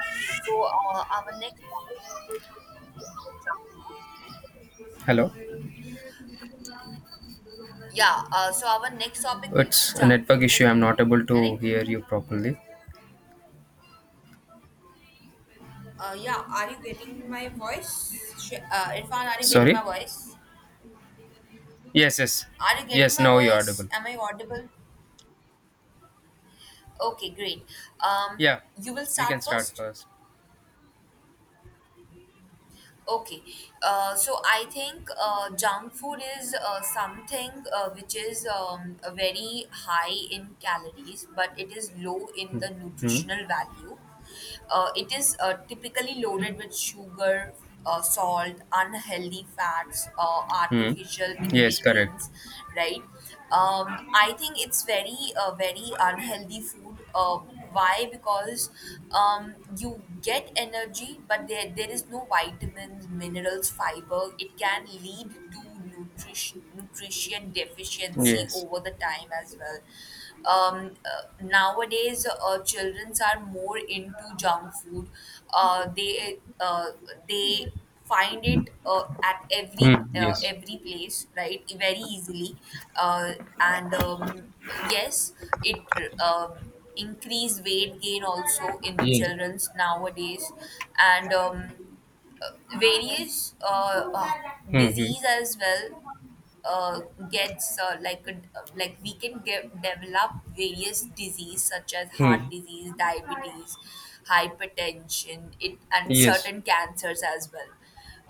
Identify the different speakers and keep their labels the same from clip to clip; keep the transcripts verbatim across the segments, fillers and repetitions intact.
Speaker 1: Okay, so uh, our next topic will be uh, junk.
Speaker 2: Hello.
Speaker 1: Yeah, uh, so our next topic will be
Speaker 2: It's a
Speaker 1: junk
Speaker 2: network
Speaker 1: food,
Speaker 2: issue. I'm not able to
Speaker 1: correct?
Speaker 2: hear you properly.
Speaker 1: Uh, yeah, are you getting my voice? Sh- Uh, Irfan, are you getting my
Speaker 2: Sorry.
Speaker 1: voice?
Speaker 2: Yes, yes.
Speaker 1: Are you getting
Speaker 2: Yes,
Speaker 1: my
Speaker 2: now you're
Speaker 1: voice?
Speaker 2: audible.
Speaker 1: Am I audible? Okay, great. Um,
Speaker 2: Yeah,
Speaker 1: you will
Speaker 2: you can
Speaker 1: start
Speaker 2: start
Speaker 1: first.
Speaker 2: first.
Speaker 1: Okay, uh, so I think uh, junk food is uh, something uh, which is um, a very high in calories, but it is low in the
Speaker 2: Hmm.
Speaker 1: nutritional value. Uh, it is uh, typically loaded with sugar, uh, salt, unhealthy fats, uh,
Speaker 2: Hmm.
Speaker 1: artificial
Speaker 2: Yes, correct.
Speaker 1: ingredients, right? Um, I think it's very, uh, very unhealthy food. Uh, why? Because um, you get energy, but there, there is no vitamins, minerals, fiber. It can lead to nutrition nutrition deficiency
Speaker 2: Yes.
Speaker 1: over the time as well. Um, uh, nowadays, uh, children are more into junk food. Uh, they uh, they find it uh, at
Speaker 2: Hmm.
Speaker 1: every uh,
Speaker 2: Yes.
Speaker 1: every place, right? Very easily, uh, and um, yes, it. Um, increased weight gain also in the
Speaker 2: Yes.
Speaker 1: children's nowadays and um, uh, various uh, uh,
Speaker 2: Hmm. Hmm.
Speaker 1: disease as well uh, gets uh, like a, like we can get, develop various disease such as
Speaker 2: Hmm.
Speaker 1: heart disease, diabetes, hypertension, it, and
Speaker 2: Yes.
Speaker 1: certain cancers as well,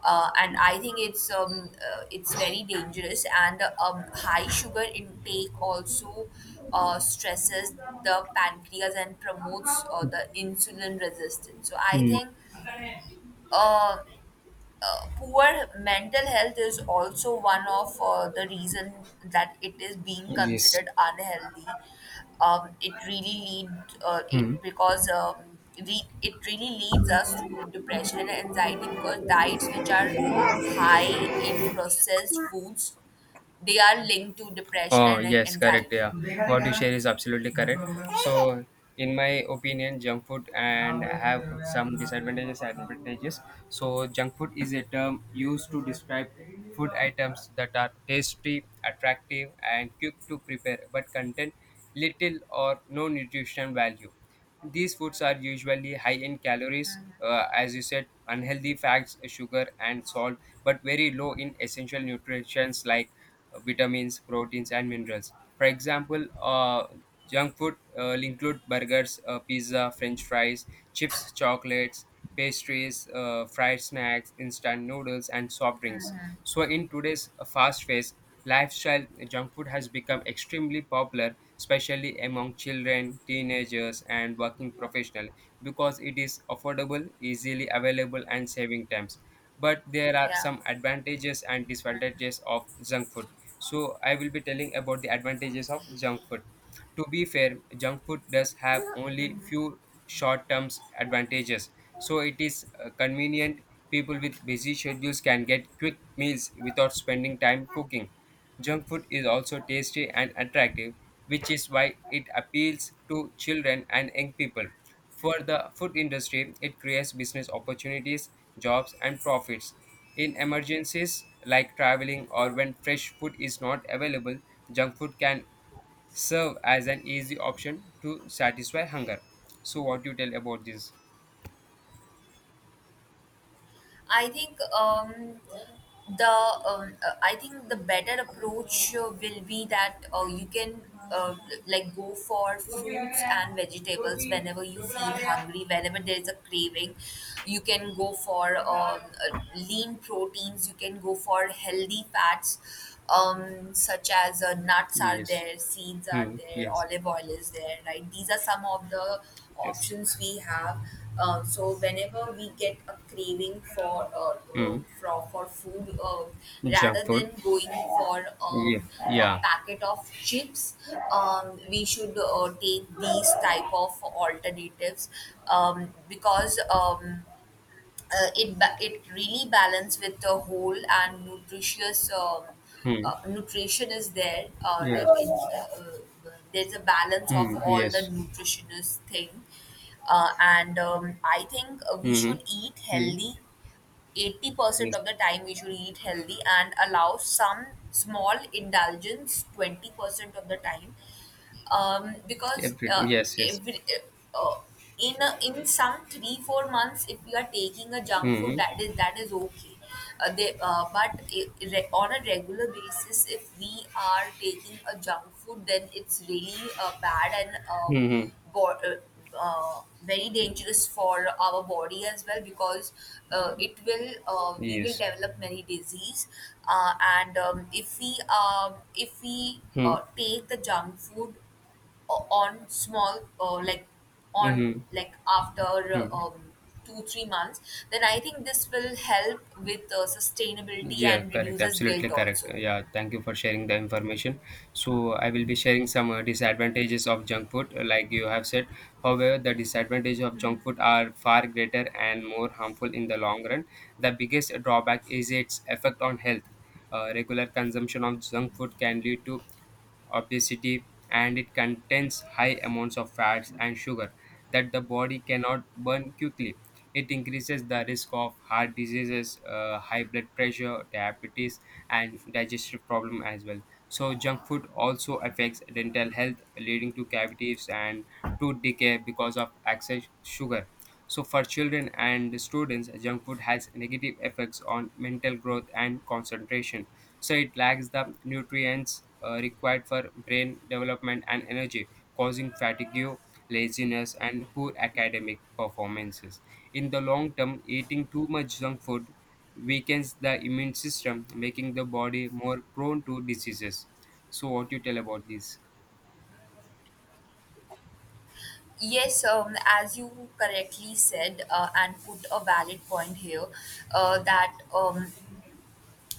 Speaker 1: uh, and I think it's um, uh, it's very dangerous. And um, high sugar intake also uh, stresses the pancreas and promotes uh, the insulin resistance. So I
Speaker 2: Hmm.
Speaker 1: think uh, uh, poor mental health is also one of uh, the reason that it is being
Speaker 2: Yes.
Speaker 1: considered unhealthy. Um, it really lead uh, it
Speaker 2: Hmm.
Speaker 1: because um, re- It really leads us to depression and anxiety because diets which are high in processed foods, they are linked to depression
Speaker 2: Oh,
Speaker 1: and
Speaker 2: yes, correct.
Speaker 1: anxiety.
Speaker 2: Yeah, what you share is absolutely correct. So, in my opinion, junk food and have some disadvantages and advantages. So, junk food is a term used to describe food items that are tasty, attractive, and quick to prepare but contain little or no nutrition value. These foods are usually high in calories, uh, as you said, unhealthy fats, sugar, and salt, but very low in essential nutrients like uh, vitamins, proteins, and minerals. For example, uh, junk food uh, will include burgers, uh, pizza, french fries, chips, chocolates, pastries, uh, fried snacks, instant noodles, and soft drinks. So, in today's uh, fast paced lifestyle, junk food has become extremely popular, especially among children, teenagers, and working professionals because it is affordable, easily available, and saving times. But there are
Speaker 1: Yeah.
Speaker 2: some advantages and disadvantages of junk food, so I will be telling about the advantages of junk food. To be fair, junk food does have only
Speaker 1: Mhm.
Speaker 2: few short-term advantages. So it is uh, convenient. People with busy schedules can get quick meals without spending time cooking. Junk food is also tasty and attractive, which is why it appeals to children and young people. For the food industry, it creates business opportunities, jobs, and profits. In emergencies like traveling or when fresh food is not available, junk food can serve as an easy option to satisfy hunger. So, what you tell about this?
Speaker 1: I think um, the um, uh, I think the better approach uh, will be that uh, you can uh, like go for fruits and vegetables whenever you feel hungry, whenever there is a craving. You can go for um, uh, lean proteins. You can go for healthy fats, um, such as uh, nuts are
Speaker 2: Yes.
Speaker 1: there, seeds are
Speaker 2: Hmm.
Speaker 1: there,
Speaker 2: Yes.
Speaker 1: olive oil is there. Right, these are some of the
Speaker 2: Yes.
Speaker 1: options we have. Um, so whenever we get a craving for uh,
Speaker 2: Hmm.
Speaker 1: uh, for, for food, uh,
Speaker 2: Junk
Speaker 1: rather
Speaker 2: food.
Speaker 1: than going for um,
Speaker 2: Yeah.
Speaker 1: a
Speaker 2: Yeah.
Speaker 1: packet of chips, um, we should uh, take these type of alternatives um, because. Um, uh, it ba- it really balance with the whole and nutritious um,
Speaker 2: Hmm.
Speaker 1: uh, nutrition is there uh,
Speaker 2: Yeah.
Speaker 1: like it, uh, uh, there's a balance of
Speaker 2: Hmm.
Speaker 1: all the
Speaker 2: Yes.
Speaker 1: nutritionist thing, uh, and um, I think uh, we
Speaker 2: Hmm.
Speaker 1: should eat
Speaker 2: Hmm.
Speaker 1: healthy eighty percent
Speaker 2: Yes.
Speaker 1: of the time. We should eat healthy and allow some small indulgence twenty percent of the time um, because
Speaker 2: Everything.
Speaker 1: uh,
Speaker 2: Yes. Yes.
Speaker 1: every uh, uh, in a, in some three four months, if you are taking a junk food,
Speaker 2: Hmm.
Speaker 1: that is that is okay. uh, they uh, but I- re- On a regular basis, if we are taking a junk food, then it's really uh, bad and um,
Speaker 2: Hmm. Hmm.
Speaker 1: bo- uh, uh, very dangerous for our body as well, because uh, it will uh, we will
Speaker 2: Yes.
Speaker 1: develop many disease, uh, and um, if we um, if we
Speaker 2: Hmm.
Speaker 1: uh, take the junk food uh, on small uh, like on
Speaker 2: Hmm.
Speaker 1: like after
Speaker 2: Hmm.
Speaker 1: uh, um, two three months, then I think this will help with uh, sustainability
Speaker 2: Yeah,
Speaker 1: and
Speaker 2: correct.
Speaker 1: reduces
Speaker 2: Absolutely
Speaker 1: guilt
Speaker 2: correct.
Speaker 1: also.
Speaker 2: Yeah, thank you for sharing the information. So, I will be sharing some uh, disadvantages of junk food, uh, like you have said. However, the disadvantages of junk food are far greater and more harmful in the long run. The biggest drawback is its effect on health. Uh, regular consumption of junk food can lead to obesity, and it contains high amounts of fats and sugar that the body cannot burn quickly. It increases the risk of heart diseases, uh, high blood pressure, diabetes, and digestive problem as well. So junk food also affects dental health, leading to cavities and tooth decay because of excess sugar. So for children and students, junk food has negative effects on mental growth and concentration, so it lacks the nutrients uh, required for brain development and energy, causing fatigue, laziness, and poor academic performances. In the long term, eating too much junk food weakens the immune system, making the body more prone to diseases. So what you tell about this?
Speaker 1: Yes, um, as you correctly said uh, and put a valid point here, uh, that um,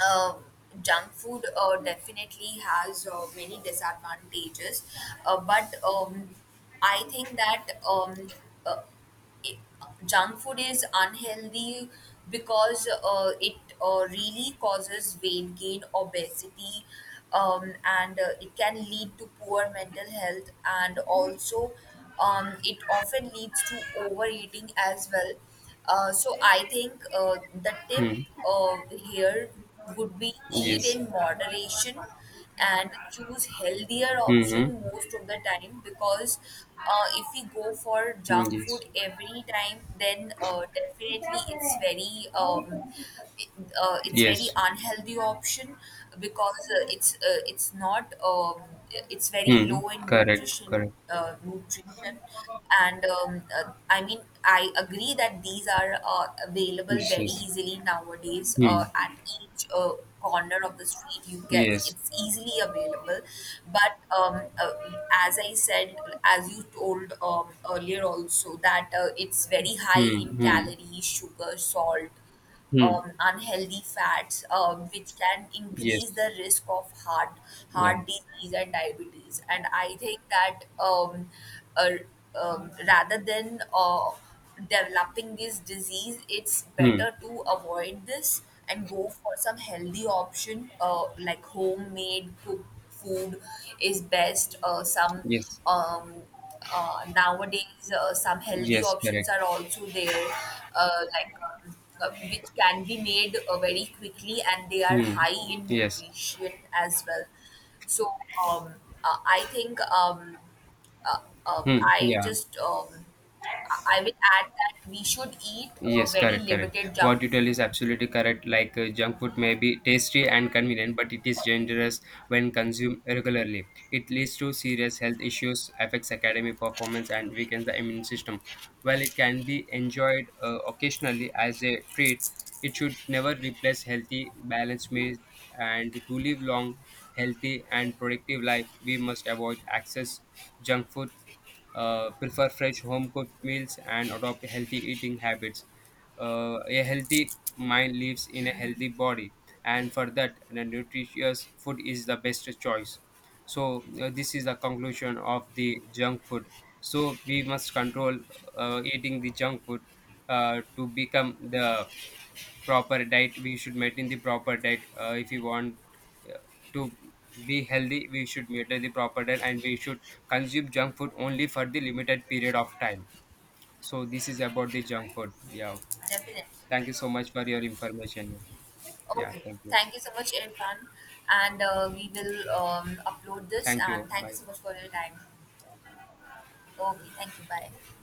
Speaker 1: uh, junk food uh, definitely has uh, many disadvantages, uh, but um, I think that um, uh, it, junk food is unhealthy, because uh, it uh, really causes weight gain, obesity, um, and uh, it can lead to poor mental health, and also um, it often leads to overeating as well. Uh, so I think uh, the tip
Speaker 2: Hmm.
Speaker 1: uh, here would be eat
Speaker 2: Yes.
Speaker 1: in moderation and choose healthier
Speaker 2: Mm-hmm.
Speaker 1: option most of the time, because uh, if we go for
Speaker 2: Mm,
Speaker 1: junk food
Speaker 2: yes.
Speaker 1: every time then uh, definitely it's very um, it, uh, it's very
Speaker 2: Yes.
Speaker 1: unhealthy option, because uh, it's uh, it's not um, it's very
Speaker 2: Hmm.
Speaker 1: low in
Speaker 2: Correct.
Speaker 1: nutrition
Speaker 2: Correct.
Speaker 1: uh, nutrition and um, uh, I mean I agree that these are uh, available
Speaker 2: Yes.
Speaker 1: very
Speaker 2: Yes.
Speaker 1: easily nowadays
Speaker 2: Hmm.
Speaker 1: uh, at each uh, corner of the street. You can,
Speaker 2: Yes.
Speaker 1: it's easily available, but um, uh, as I said, as you told um, earlier also, that uh, it's very high
Speaker 2: Hmm.
Speaker 1: in
Speaker 2: Hmm.
Speaker 1: calories, sugar, salt,
Speaker 2: Hmm.
Speaker 1: um, unhealthy fats, um, which can
Speaker 2: Yes.
Speaker 1: increase the risk of heart
Speaker 2: Yeah.
Speaker 1: heart disease and diabetes. And I think that um, uh, um, rather than uh, developing this disease, it's
Speaker 2: Hmm.
Speaker 1: better to avoid this and go for some healthy option, uh, like homemade cooked food is best. Uh, some
Speaker 2: Yes.
Speaker 1: um, uh, Nowadays uh, some healthy
Speaker 2: Yes. Correct.
Speaker 1: options are also there, uh, like um, uh, which can be made uh, very quickly and they are
Speaker 2: Hmm.
Speaker 1: high in
Speaker 2: Yes.
Speaker 1: nutrition as well. So um, uh, I think um, uh, uh,
Speaker 2: Hmm.
Speaker 1: I
Speaker 2: Yeah.
Speaker 1: just um, I I will add that we should eat a
Speaker 2: Yes,
Speaker 1: very
Speaker 2: correct, correct.
Speaker 1: limited
Speaker 2: What
Speaker 1: junk
Speaker 2: you tell
Speaker 1: food.
Speaker 2: is absolutely correct. Like uh, junk food may be tasty and convenient, but it is dangerous when consumed regularly. It leads to serious health issues, affects academic performance, and weakens the immune system. While it can be enjoyed uh, occasionally as a treat, it should never replace healthy, balanced meals. And to live long, healthy, and productive life, we must avoid excess junk food, uh, prefer fresh home cooked meals and adopt healthy eating habits. Uh, a healthy mind lives in a healthy body, and for that, the nutritious food is the best choice. So, uh, this is the conclusion of the junk food. So, we must control uh, eating the junk food uh, to become the proper diet. We should maintain the proper diet, uh, if you want uh, to be healthy, we should maintain the proper diet, and we should consume junk food only for the limited period of time. So this is about the junk food. Yeah,
Speaker 1: Definitely.
Speaker 2: thank you so much for your information. Yeah,
Speaker 1: Okay,
Speaker 2: thank you.
Speaker 1: thank you so much, Irfan, and uh, we will um, upload this,
Speaker 2: Thank you,
Speaker 1: and thank
Speaker 2: bye.
Speaker 1: you so much for your time. Okay, thank you, bye.